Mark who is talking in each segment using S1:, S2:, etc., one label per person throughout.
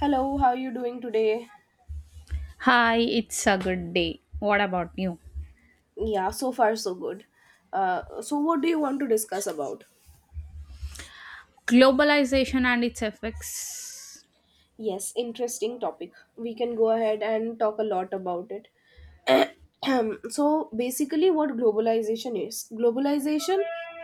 S1: Hello, how are you doing today?
S2: Hi, it's a good day. What about you?
S1: Yeah, so far so good. So, what do you want to discuss about?
S2: Globalization and its effects.
S1: Yes, interesting topic. We can go ahead and talk a lot about it. So, basically, what globalization is, globalization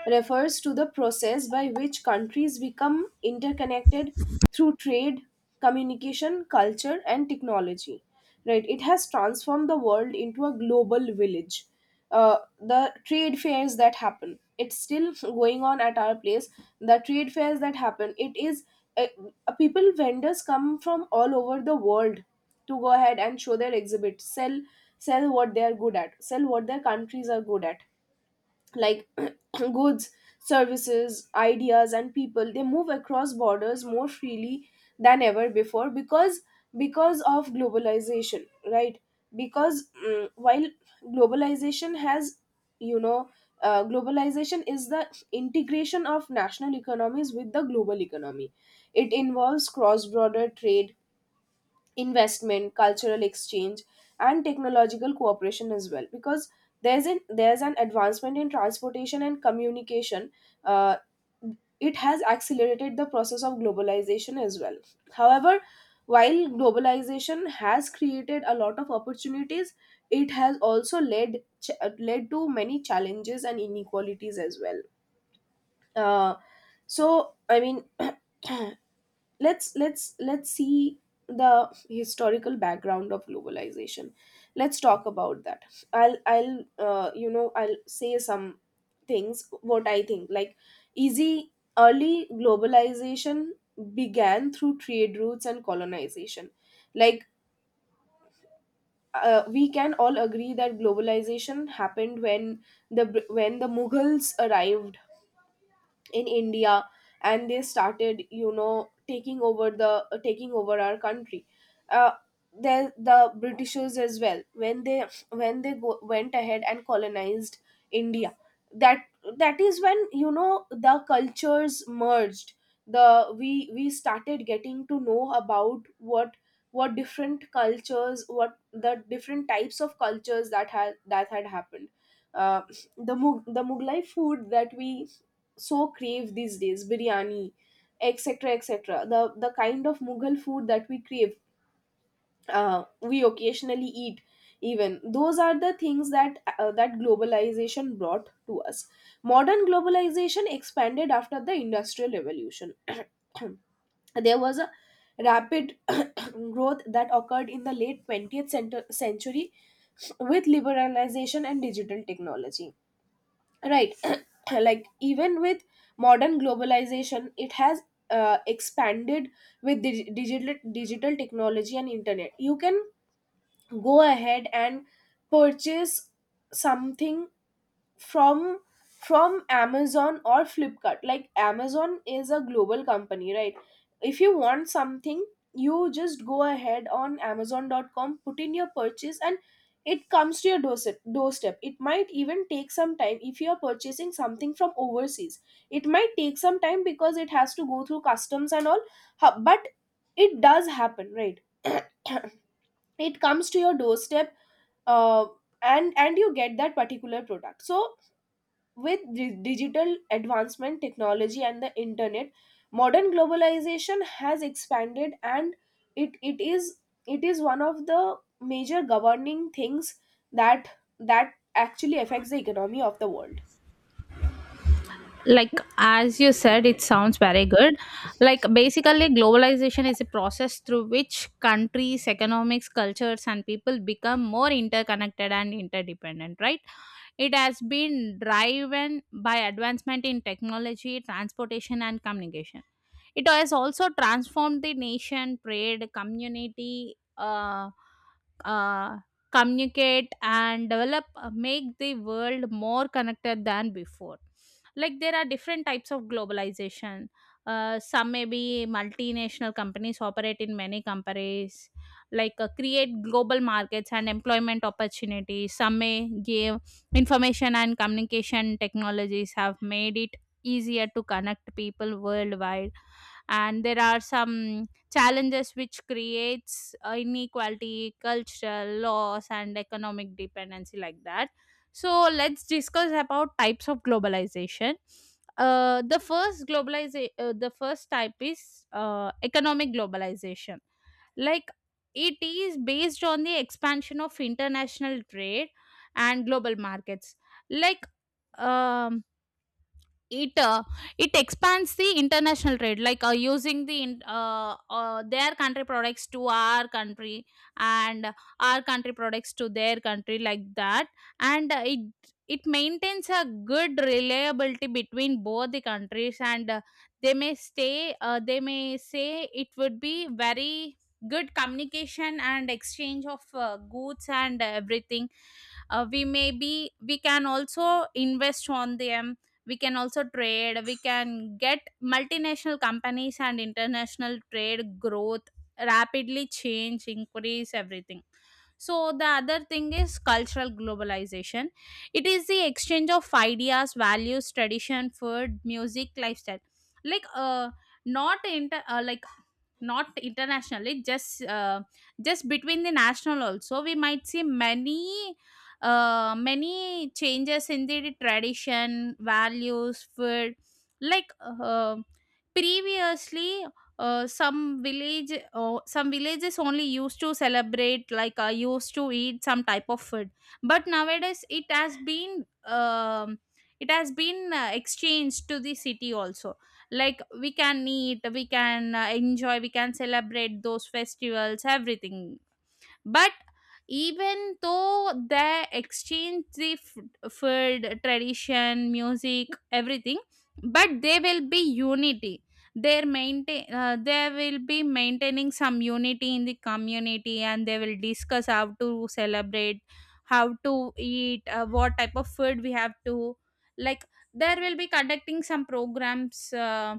S1: refers to the process by which countries become interconnected through trade, communication, culture, and technology. Right? It has transformed the world into a global village. The trade fairs that happen, it's still going on at our place. The trade fairs that happen, it is uh, people, vendors come from all over the world to go ahead and show their exhibits, sell, sell what they are good at, sell what their countries are good at, like goods, services, ideas, and people. They move across borders more freely than ever before because of globalization, right? Because while globalization has, you know globalization is the integration of national economies with the global economy. It involves cross border trade, investment, cultural exchange, and technological cooperation as well. Because there's an advancement in transportation and communication. Uh, it has accelerated the process of globalization as well. However, while globalization has created a lot of opportunities, it has also led to many challenges and inequalities as well. Uh, so I mean. Let's see the historical background of globalization. Let's talk about that. I'll I'll say some things what I think, like easy, early globalization began through trade routes and colonization. Like we can all agree that globalization happened the when the Mughals arrived in India, and they started, you know, taking over the taking over our country. uh, then the Britishers as well, when they went ahead and colonized India. That That is when, you know, the cultures merged. The we we started getting to know about what different cultures, what the different types of cultures that had happened. uh, the the mughlai food that we so crave these days, biryani, etc., etc., the kind of Mughal food that we crave, we occasionally eat. Even those are the things that, that globalization brought to us. Modern globalization expanded after the industrial revolution. There was a rapid growth that occurred in the late 20th cent- century with liberalization and digital technology, right? Like, even with modern globalization, it has expanded. With digital digital technology and internet, you can go ahead and purchase something from from Amazon or Flipkart. Like Amazon is a global company, right? If you want something, you just go ahead on Amazon.com, put in your purchase, and it comes to your doorstep. Doorstep it might even take some time if you are purchasing something from overseas. It might take some time because it has to go through customs and all. But it does happen, right? It comes to your doorstep. Uh, and and you get that particular product. So with digital advancement, technology, and the internet, modern globalization has expanded, and it, it is one of the major governing things that that actually affects the economy of the world.
S2: Like, as you said, it sounds very good. Like, basically, globalization is a process through which countries, economics, cultures, and people become more interconnected and interdependent, right? It has been driven by advancement in technology, transportation, and communication. It has also transformed the nation, trade, community, uh, communicate and develop, make the world more connected than before. Like, there are different types of globalization. Some may be multinational companies operate in many countries, like, create global markets and employment opportunities. Some may give information and communication technologies have made it easier to connect people worldwide. And there are some challenges which creates inequality, cultural loss, and economic dependency, like that. So let's discuss about types of globalization. The first type is economic globalization. Like, it is based on the expansion of international trade and global markets. Like, um, it uh, it expands the international trade, like, using their country products to our country, and our country products to their country, like that. And it maintains a good reliability between both the countries, and they may say it would be very good communication and exchange of goods and everything. We may be We can also invest on them. We can also trade. We can get multinational companies and international trade growth, rapidly change, increase everything. So the other thing is cultural globalization. It is the exchange of ideas, values, tradition, food, music, lifestyle. Like, not inter like, not internationally, just between the national also, we might see many changes in the tradition, values, food. Like, previously, some villages only used to celebrate, like, used to eat some type of food. But nowadays, it has been exchanged to the city also. Like, we can eat, we can enjoy, we can celebrate those festivals, everything. But even though they exchange food, tradition, music, everything, but they will be unity, they will be maintaining some unity in the community, and they will discuss how to celebrate, how to eat, what type of food we have to. Like, there will be conducting some programs,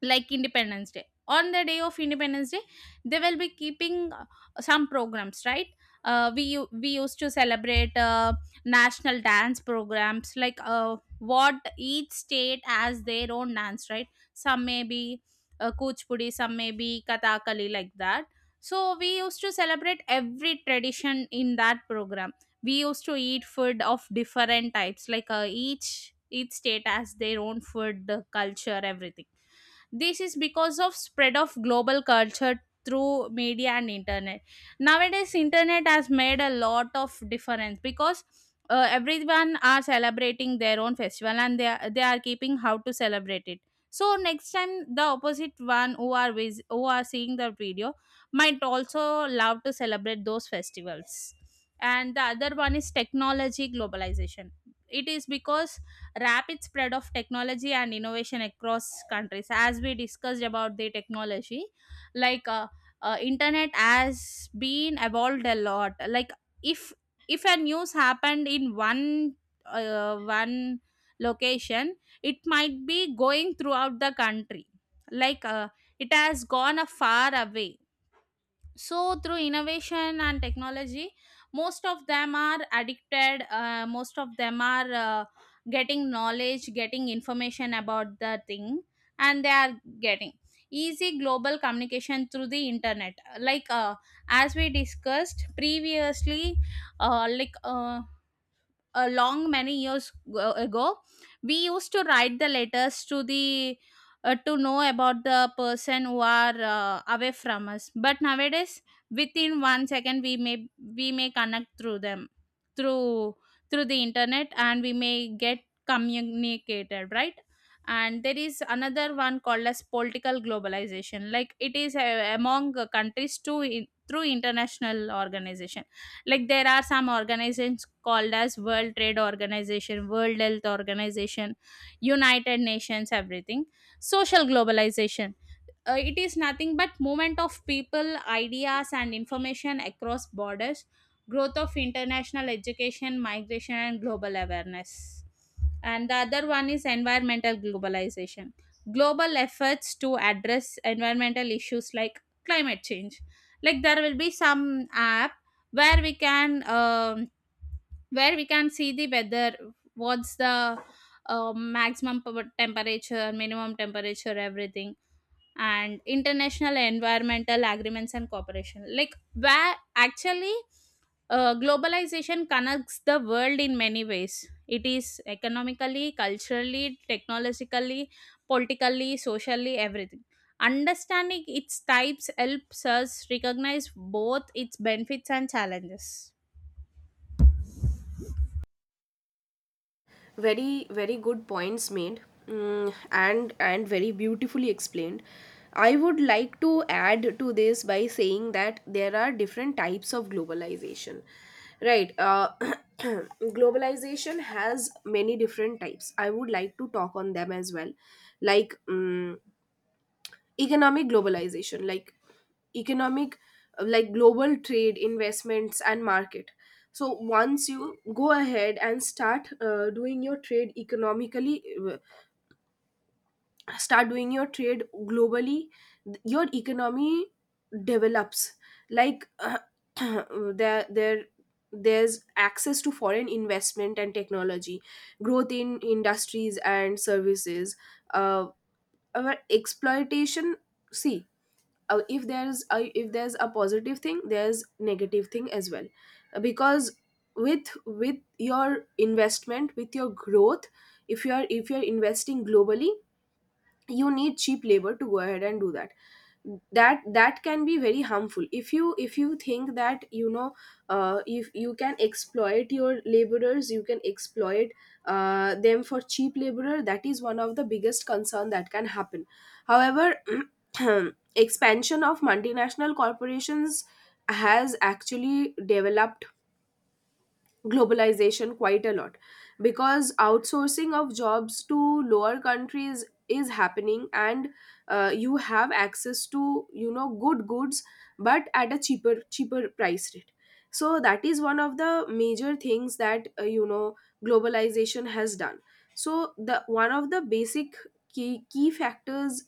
S2: like Independence Day. On the day of Independence Day, they will be keeping some programs, right? We used to celebrate national dance programs, like, what each state has their own dance, right? Some may be kuchipudi, some may be kathakali, like that. So we used to celebrate every tradition in that program. We used to eat food of different types, like, each state has their own food, culture, everything. This is because of spread of global culture through media and internet. Nowadays, internet has made a lot of difference, because everyone are celebrating their own festival, and they are keeping how to celebrate it. So next time, the opposite one who are who are seeing the video might also love to celebrate those festivals. And the other one is technology globalization. It is because rapid spread of technology and innovation across countries, as we discussed about the technology. Like, internet has been evolved a lot. Like, if if a news happened in one location, it might be going throughout the country. Like, it has gone a far away. So through innovation and technology, most of them are getting knowledge, getting information about the thing, and they are getting easy global communication through the internet. Like, as we discussed previously, like, a long many years ago, we used to write the letters to the to know about the person who are away from us. But nowadays, within 1 second, we may connect through them, through through the internet, and we may get communicated, right? And there is another one called as political globalization. Like, it is among countries too, in, through international organization. Like, there are some organizations called as World Trade Organization, World Health Organization, United Nations, everything. Social globalization. It is nothing but movement of people, ideas, and information across borders, growth of international education, migration, and global awareness. And the other one is environmental globalization, global efforts to address environmental issues like climate change. Like, there will be some app where we can um, where we can see the weather, what's the maximum temperature, minimum temperature, everything. And international environmental agreements and cooperation, like, where actually globalization connects the world in many ways. It is economically, culturally, technologically, politically, socially, everything. Understanding its types helps us recognize both its benefits and challenges.
S1: Very very good points made, and very beautifully explained. I would like to add to this by saying that there are different types of globalization, right? Globalization has many different types. I would like to talk on them as well, like, economic globalization, like economic, like global trade, investments, and market. So once you go ahead and start, doing your trade economically, uh, start doing your trade globally, your economy develops. Like there there's access to foreign investment and technology, growth in industries and services, uh, our exploitation. See, if there's a positive thing, there's negative thing as well. Because with your investment, with your growth, if you are, if you're investing globally, you need cheap labor to go ahead and do that. That can be very harmful if you, if you think that, you know, if you can exploit your laborers, you can exploit, them for cheap laborer. That is one of the biggest concern that can happen. However, expansion of multinational corporations has actually developed globalization quite a lot, because outsourcing of jobs to lower countries is happening. And you have access to, you know, good goods, but at a cheaper cheaper price rate. So that is one of the major things that, you know, globalization has done. So the one of the basic key key factors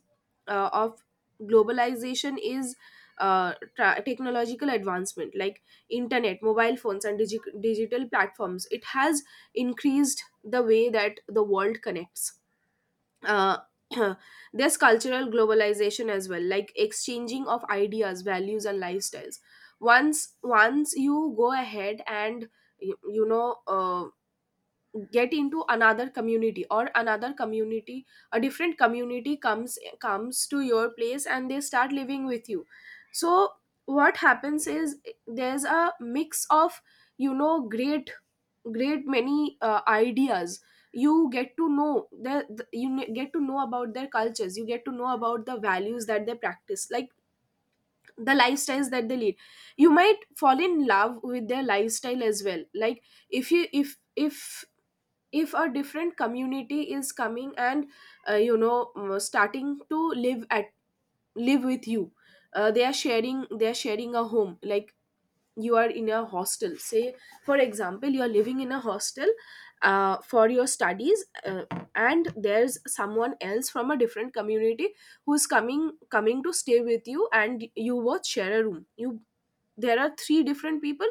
S1: of globalization is technological advancement, like internet, mobile phones, and digital platforms. It has increased the way that the world connects. uh, there's cultural globalization as well, like exchanging of ideas, values, and lifestyles. Once you go ahead and you know, get into another community, or another community, a different community comes comes to your place and they start living with you. So what happens is there's a mix of, you know, great, great many ideas. You get to know get to know about their cultures. You get to know about the values that they practice, like the lifestyles that they lead. You might fall in love with their lifestyle as well. Like if you, if a different community is coming and, you know, starting to live at live with you, they are sharing a home. Like, you are in a hostel, say, for example, you are living in a hostel for your studies, and there's someone else from a different community who's coming coming to stay with you, and you both share a room. You, there are three different people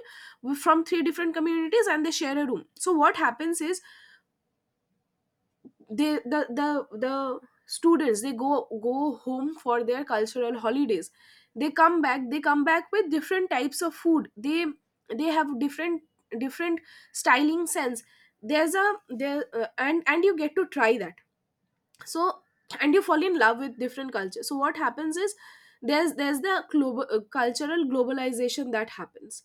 S1: from three different communities, and they share a room. So what happens is they, the students, they go go home for their cultural holidays. They come back. They come back with different types of food. They have different different styling sense. There's a there, and you get to try that. So, and you fall in love with different culture. So what happens is there's the global, cultural globalization that happens,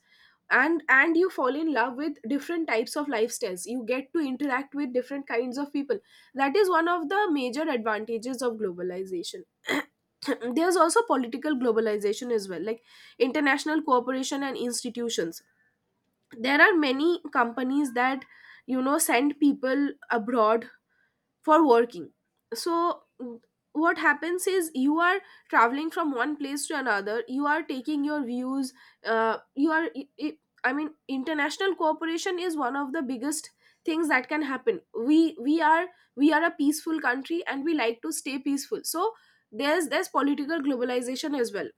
S1: and you fall in love with different types of lifestyles. You get to interact with different kinds of people. That is one of the major advantages of globalization. There's also political globalization as well, like international cooperation and institutions. There are many companies that, you know, send people abroad for working. So, w- what happens is you are traveling from one place to another, you are taking your views, you are I mean international cooperation is one of the biggest things that can happen. We, we are we are a peaceful country, and we like to stay peaceful. So there's political globalization as well.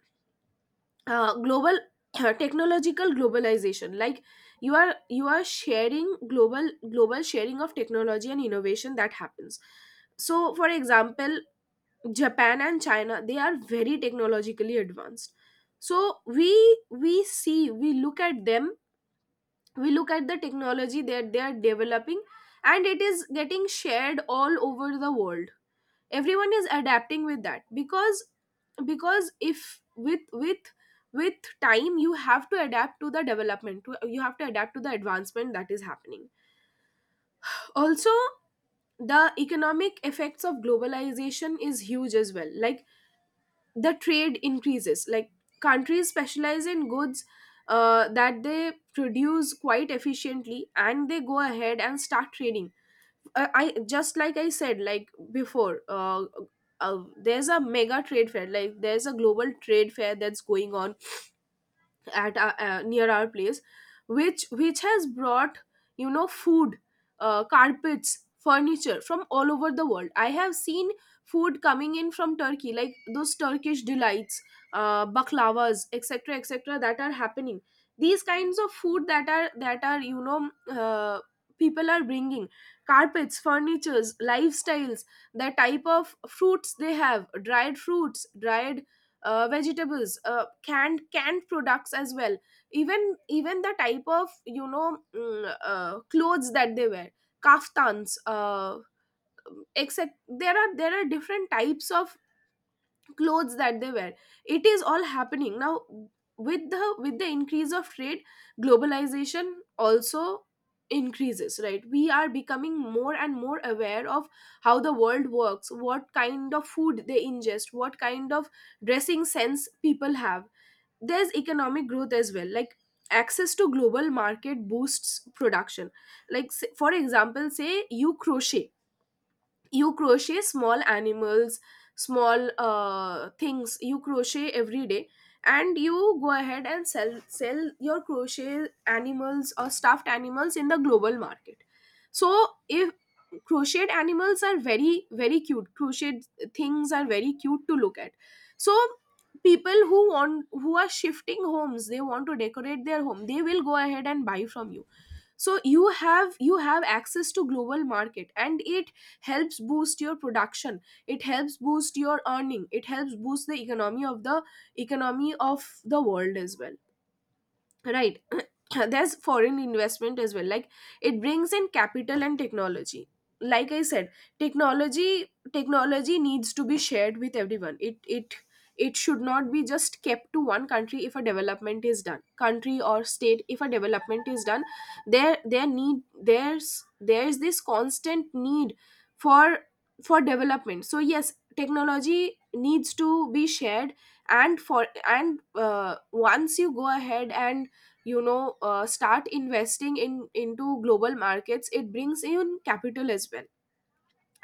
S1: Global technological globalization, like, you are, you are sharing, global global sharing of technology and innovation that happens. So for example, Japan and China, they are very technologically advanced. So we see we look at them. We look at the technology that they are developing, and it is getting shared all over the world. Everyone is adapting with that, because if with, with, with time, you have to adapt to the development to, you have to adapt to the advancement that is happening. Also, the economic effects of globalization is huge as well, like the trade increases. Like, countries specialize in goods that they produce quite efficiently, and they go ahead and start trading. I just, like I said, like before, there's a mega trade fair, like there's a global trade fair that's going on at our, near our place, which has brought, you know, food, carpets, furniture from all over the world. I have seen food coming in from Turkey, like those Turkish delights, baklavas, etc., etc., that are happening. These kinds of food that are, that are you know, people are bringing, carpets, furnitures, lifestyles, the type of fruits they have, dried fruits, dried vegetables, canned canned products as well. Even even the type of, you know, clothes that they wear, kaftans, except, there are different types of clothes that they wear. It is all happening now. With the, with the increase of trade, globalization also increases. Right? We are becoming more and more aware of how the world works, what kind of food they ingest, what kind of dressing sense people have. There's economic growth as well, like access to global market boosts production. Like, for example, say you crochet. You crochet small animals, small things. You crochet every day, and You go ahead and sell your crochet animals or stuffed animals in the global market. So if crocheted animals are very very cute, crocheted things are very cute to look at. So people who want, who are shifting homes, they want to decorate their home, they will go ahead and buy from you. So you have access to global market, and it helps boost your production. It helps boost your earning, it helps boost the economy of the world as well, right. There's foreign investment as well, like it brings in capital and technology. Like I said, technology needs to be shared with everyone. It It should not be just kept to one country. If a development is done, country or state, if a development is done, there's this constant need for development so yes, technology needs to be shared. And once you go ahead and, start investing in into global markets, it brings in capital as well.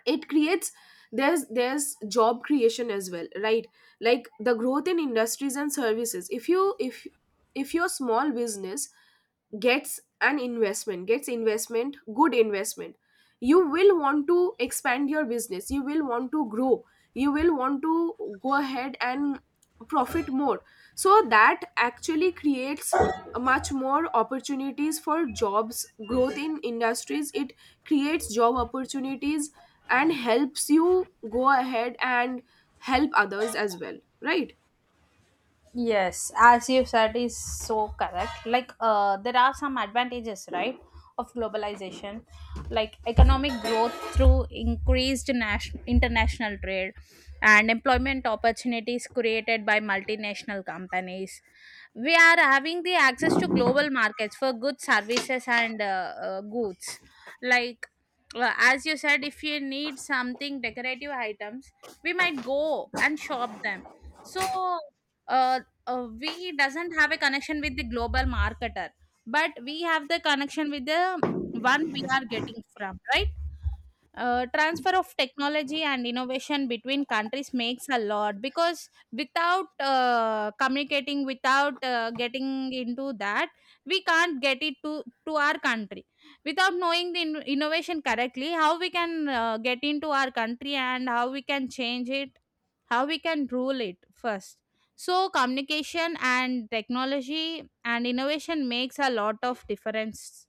S1: It creates, there's job creation as well, right. Like the growth in industries and services, if your small business gets an investment gets investment good investment, you will want to expand your business, you will want to grow, you will want to go ahead and profit more. So that actually creates much more opportunities for jobs, growth in industries. It creates job opportunities and helps you go ahead and help others as well, right.
S2: Yes, as you said, is so correct. Like, there are some advantages, right, of globalization, like economic growth through increased national, international trade, and employment opportunities created by multinational companies. We are having the access to global markets for goods, services, and goods. Like, as you said, if you need something decorative items, we might go and shop them. So uh, we doesn't have a connection with the global marketer, but we have the connection with the one we are getting from, right? Transfer of technology and innovation between countries makes a lot, because without communicating, without getting into that, we can't get it to our country. Without knowing the innovation correctly, how we can get into our country, and how we can change it, how we can rule it first. So communication and technology and innovation makes a lot of difference.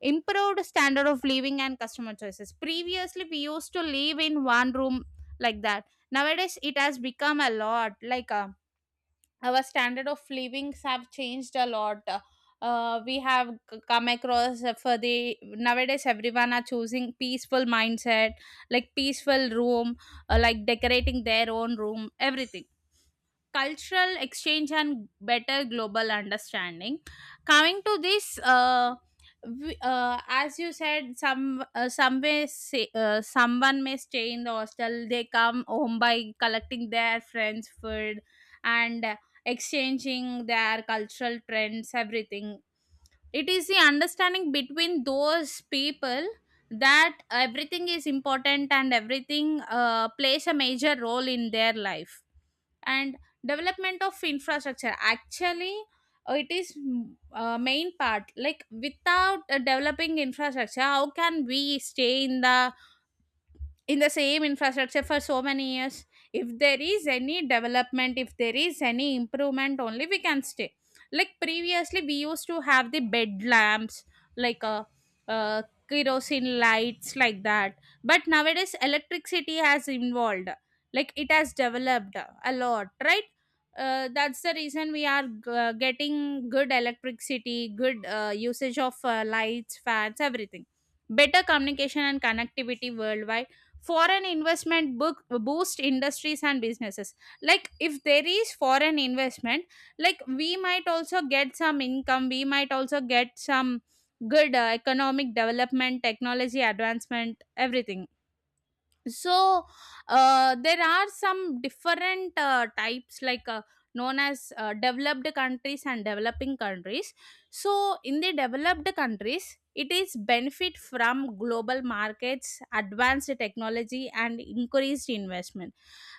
S2: Improved standard of living and customer choices. Previously, we used to live in one room, like that. Nowadays it has become a lot. Like, our standard of livings have changed a lot. We have come across, for the nowadays, everyone are choosing peaceful mindset, like peaceful room, like decorating their own room, everything. Cultural exchange and better global understanding. Coming to this, we, as you said, someone may stay in the hostel, they come home by collecting their friends food, and exchanging their cultural trends, everything. It is the understanding between those people that everything is important, and everything plays a major role in their life. And development of infrastructure actually, it is main part. Like, without developing infrastructure, how can we stay in the same infrastructure for so many years. If there is any development, if there is any improvement, only we can stay. Like, previously we used to have the bed lamps, like, uh, kerosene lights, like that. But nowadays electricity has involved, like it has developed a lot, right? That's the reason we are getting good electricity, good usage of lights, fans, everything. Better communication and connectivity worldwide. Foreign investment book boost industries and businesses. Like, if there is foreign investment, like, we might also get some income, we might also get some good economic development, technology advancement, everything. So there are some different types, like, known as developed countries and developing countries. So in the developed countries, it is benefit from global markets, advanced technology, and increased investment.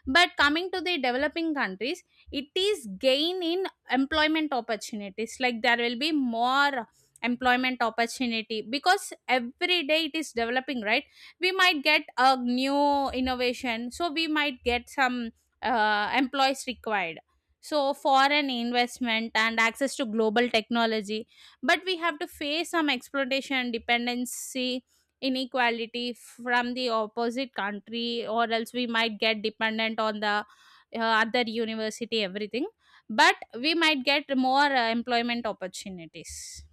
S2: But coming to the developing countries, it is gain in employment opportunities. Like, there will be more employment opportunity, because every day it is developing, right? We might get a new innovation, so we might get some employees required. So foreign investment and access to global technology. But we have to face some exploitation, dependency, inequality from the opposite country, or else we might get dependent on the other university, everything. But we might get more employment opportunities.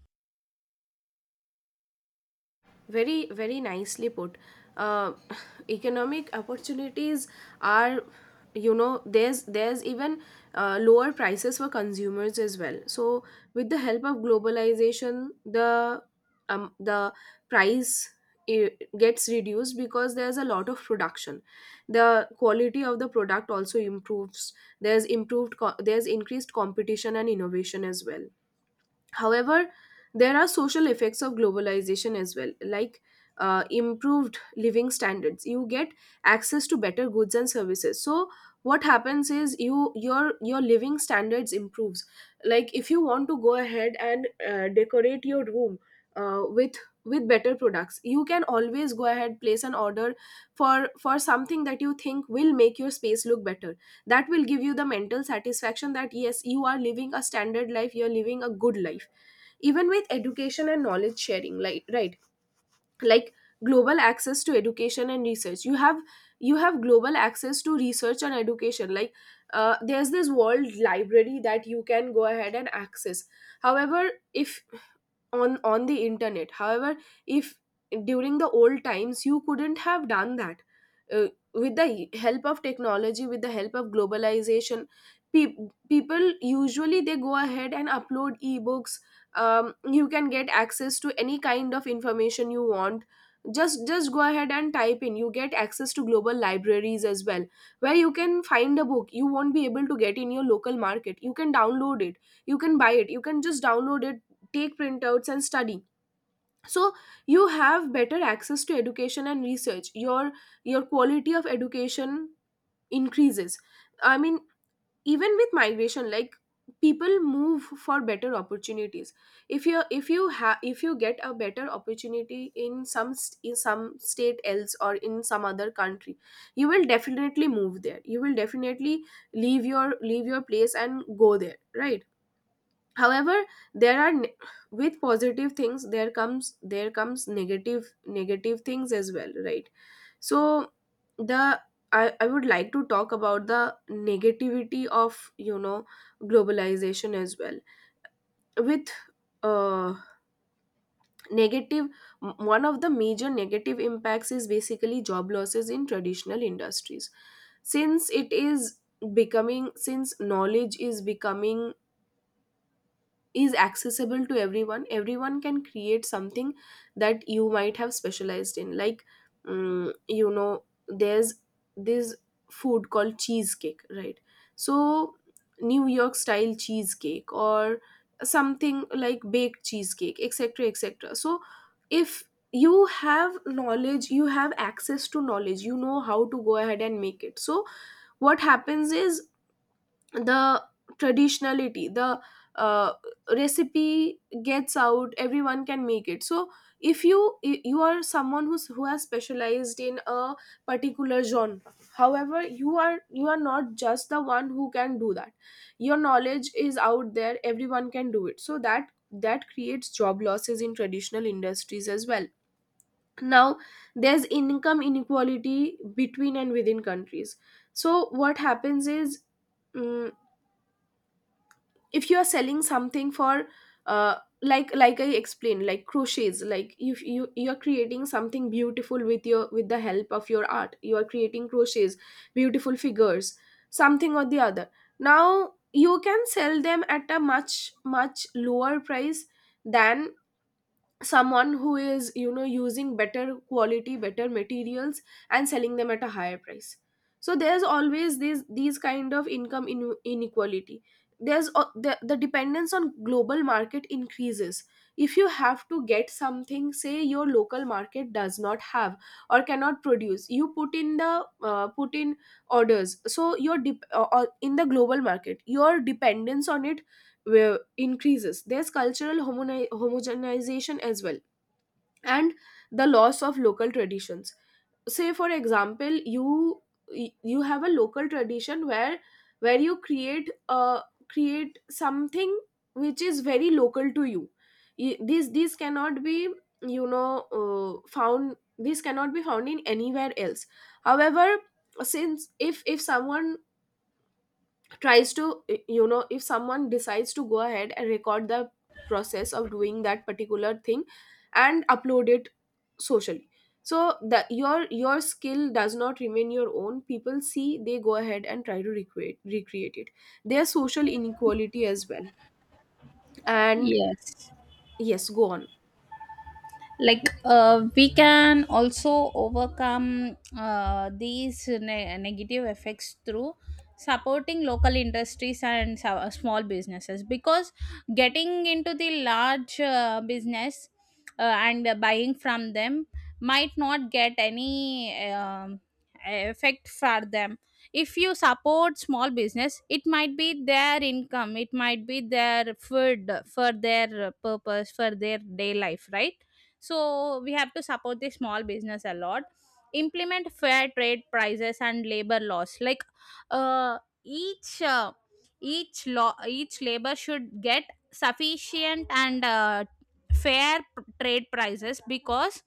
S1: Very, very nicely put. Uh, economic opportunities are, you know, there's even lower prices for consumers as well. So with the help of globalization, the um, the price i- gets reduced because there's a lot of production. The quality of the product also improves. There's increased competition and innovation as well. However, there are social effects of globalization as well, like improved living standards. You get access to better goods and services. So what happens is your living standards improves. Like if you want to go ahead and decorate your room with better products, you can always go ahead, place an order for something that you think will make your space look better, that will give you the mental satisfaction that yes, you are living a standard life, you're living a good life. Even with education and knowledge sharing, like, right, like global access to education and research, you have, you have global access to research and education. Like there's this world library that you can go ahead and access. However, if on on the internet. However, if during the old times you couldn't have done that. Uh, with the help of technology, with the help of globalization, pe people usually they go ahead and upload ebooks. You can get access to any kind of information you want. Just go ahead and type in, you get access to global libraries as well, where you can find a book you won't be able to get in your local market. You can download it, you can buy it, you can just download it, take printouts and study. So you have better access to education and research, your quality of education increases. I mean, even with migration, like, people move for better opportunities. If you get a better opportunity in some in some state else or in some other country, you will definitely move there, you will definitely leave your place and go there, right. However, there are ne- with positive things, there comes negative things as well, right. So the I would like to talk about the negativity of, you know, globalization as well. With uh, negative, one of the major negative impacts is basically job losses in traditional industries, since it is becoming, since knowledge is becoming, is accessible to everyone, everyone can create something that you might have specialized in. Like you know, there's this food called cheesecake, right. So New York style cheesecake or something like baked cheesecake, etc etc. So if you have knowledge, you have access to knowledge, you know how to go ahead and make it. So what happens is, the traditionality, the uh, recipe gets out, everyone can make it. So if you are someone who has specialized in a particular genre, however, you are not just the one who can do that. Your knowledge is out there, everyone can do it. So that creates job losses in traditional industries as well. Now there's income inequality between and within countries. So what happens is, mm, if you are selling something for uh, like I explained, like crochets, like if you are creating something beautiful with your, with the help of your art, you are creating crochets, beautiful figures, something or the other, now you can sell them at a much, much lower price than someone who is, you know, using better quality, better materials, and selling them at a higher price. So there's always these kind of income inequality. The dependence on global market increases. If you have to get something, say your local market does not have or cannot produce, you put in the put in orders so your in the global market, your dependence on it will increases. There's cultural homogenization as well, and the loss of local traditions. Say, for example, you you have a local tradition where you create a, create something which is very local to you. These cannot be, you know, found. These cannot be found in anywhere else. However, since, if someone tries to, you know, if someone decides to go ahead and record the process of doing that particular thing and upload it socially. So the your skill does not remain your own. People see, they go ahead and try to recreate it. There's social inequality as well. And
S2: Yes.
S1: yes, go on.
S2: Like, we can also overcome these negative effects through supporting local industries and small businesses, because getting into the large business and buying from them might not get any effect for them. If you support small business, it might be their income, it might be their food, for their purpose, for their day life, right? So we have to support the small business a lot. Implement fair trade prices and labor laws. Like, uh, each uh, each law, each labor should get sufficient and fair trade prices, because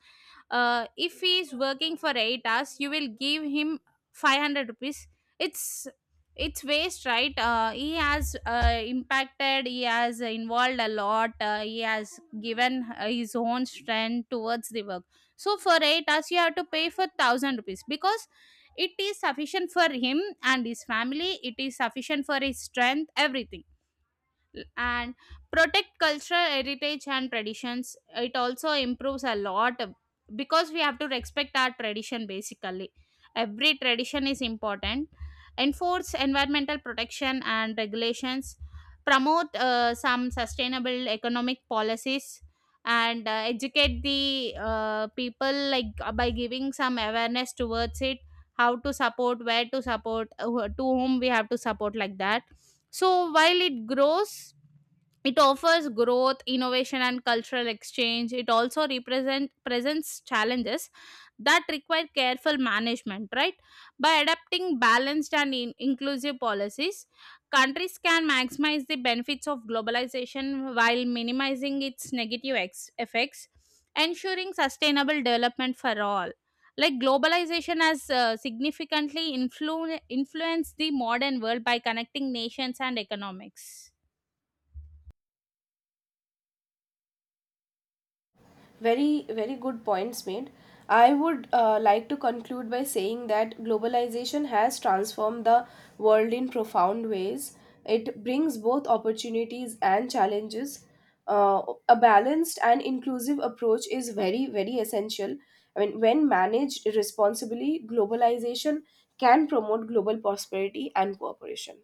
S2: if he is working for 8 hours, you will give him 500 rupees. It's it's waste, right? He has impacted, he has involved a lot. He has given his own strength towards the work. So for 8 hours, you have to pay for 1,000 rupees, because it is sufficient for him and his family, it is sufficient for his strength, everything. And protect cultural heritage and traditions. It also improves a lot, because we have to respect our tradition, basically every tradition is important. Enforce environmental protection and regulations. Promote some sustainable economic policies, and educate the people, like, by giving some awareness towards it, how to support, where to support, to whom we have to support, like that. So while it grows, it offers growth, innovation, and cultural exchange. It also represent presents challenges that require careful management, right? By adopting balanced and inclusive policies, countries can maximize the benefits of globalization while minimizing its negative effects, ensuring sustainable development for all. Like, globalization has significantly influenced the modern world by connecting nations and economics.
S1: Very very good points made. I would like to conclude by saying that globalization has transformed the world in profound ways. It brings both opportunities and challenges. uh, a balanced and inclusive approach is very very essential. I mean, when managed responsibly, globalization can promote global prosperity and cooperation.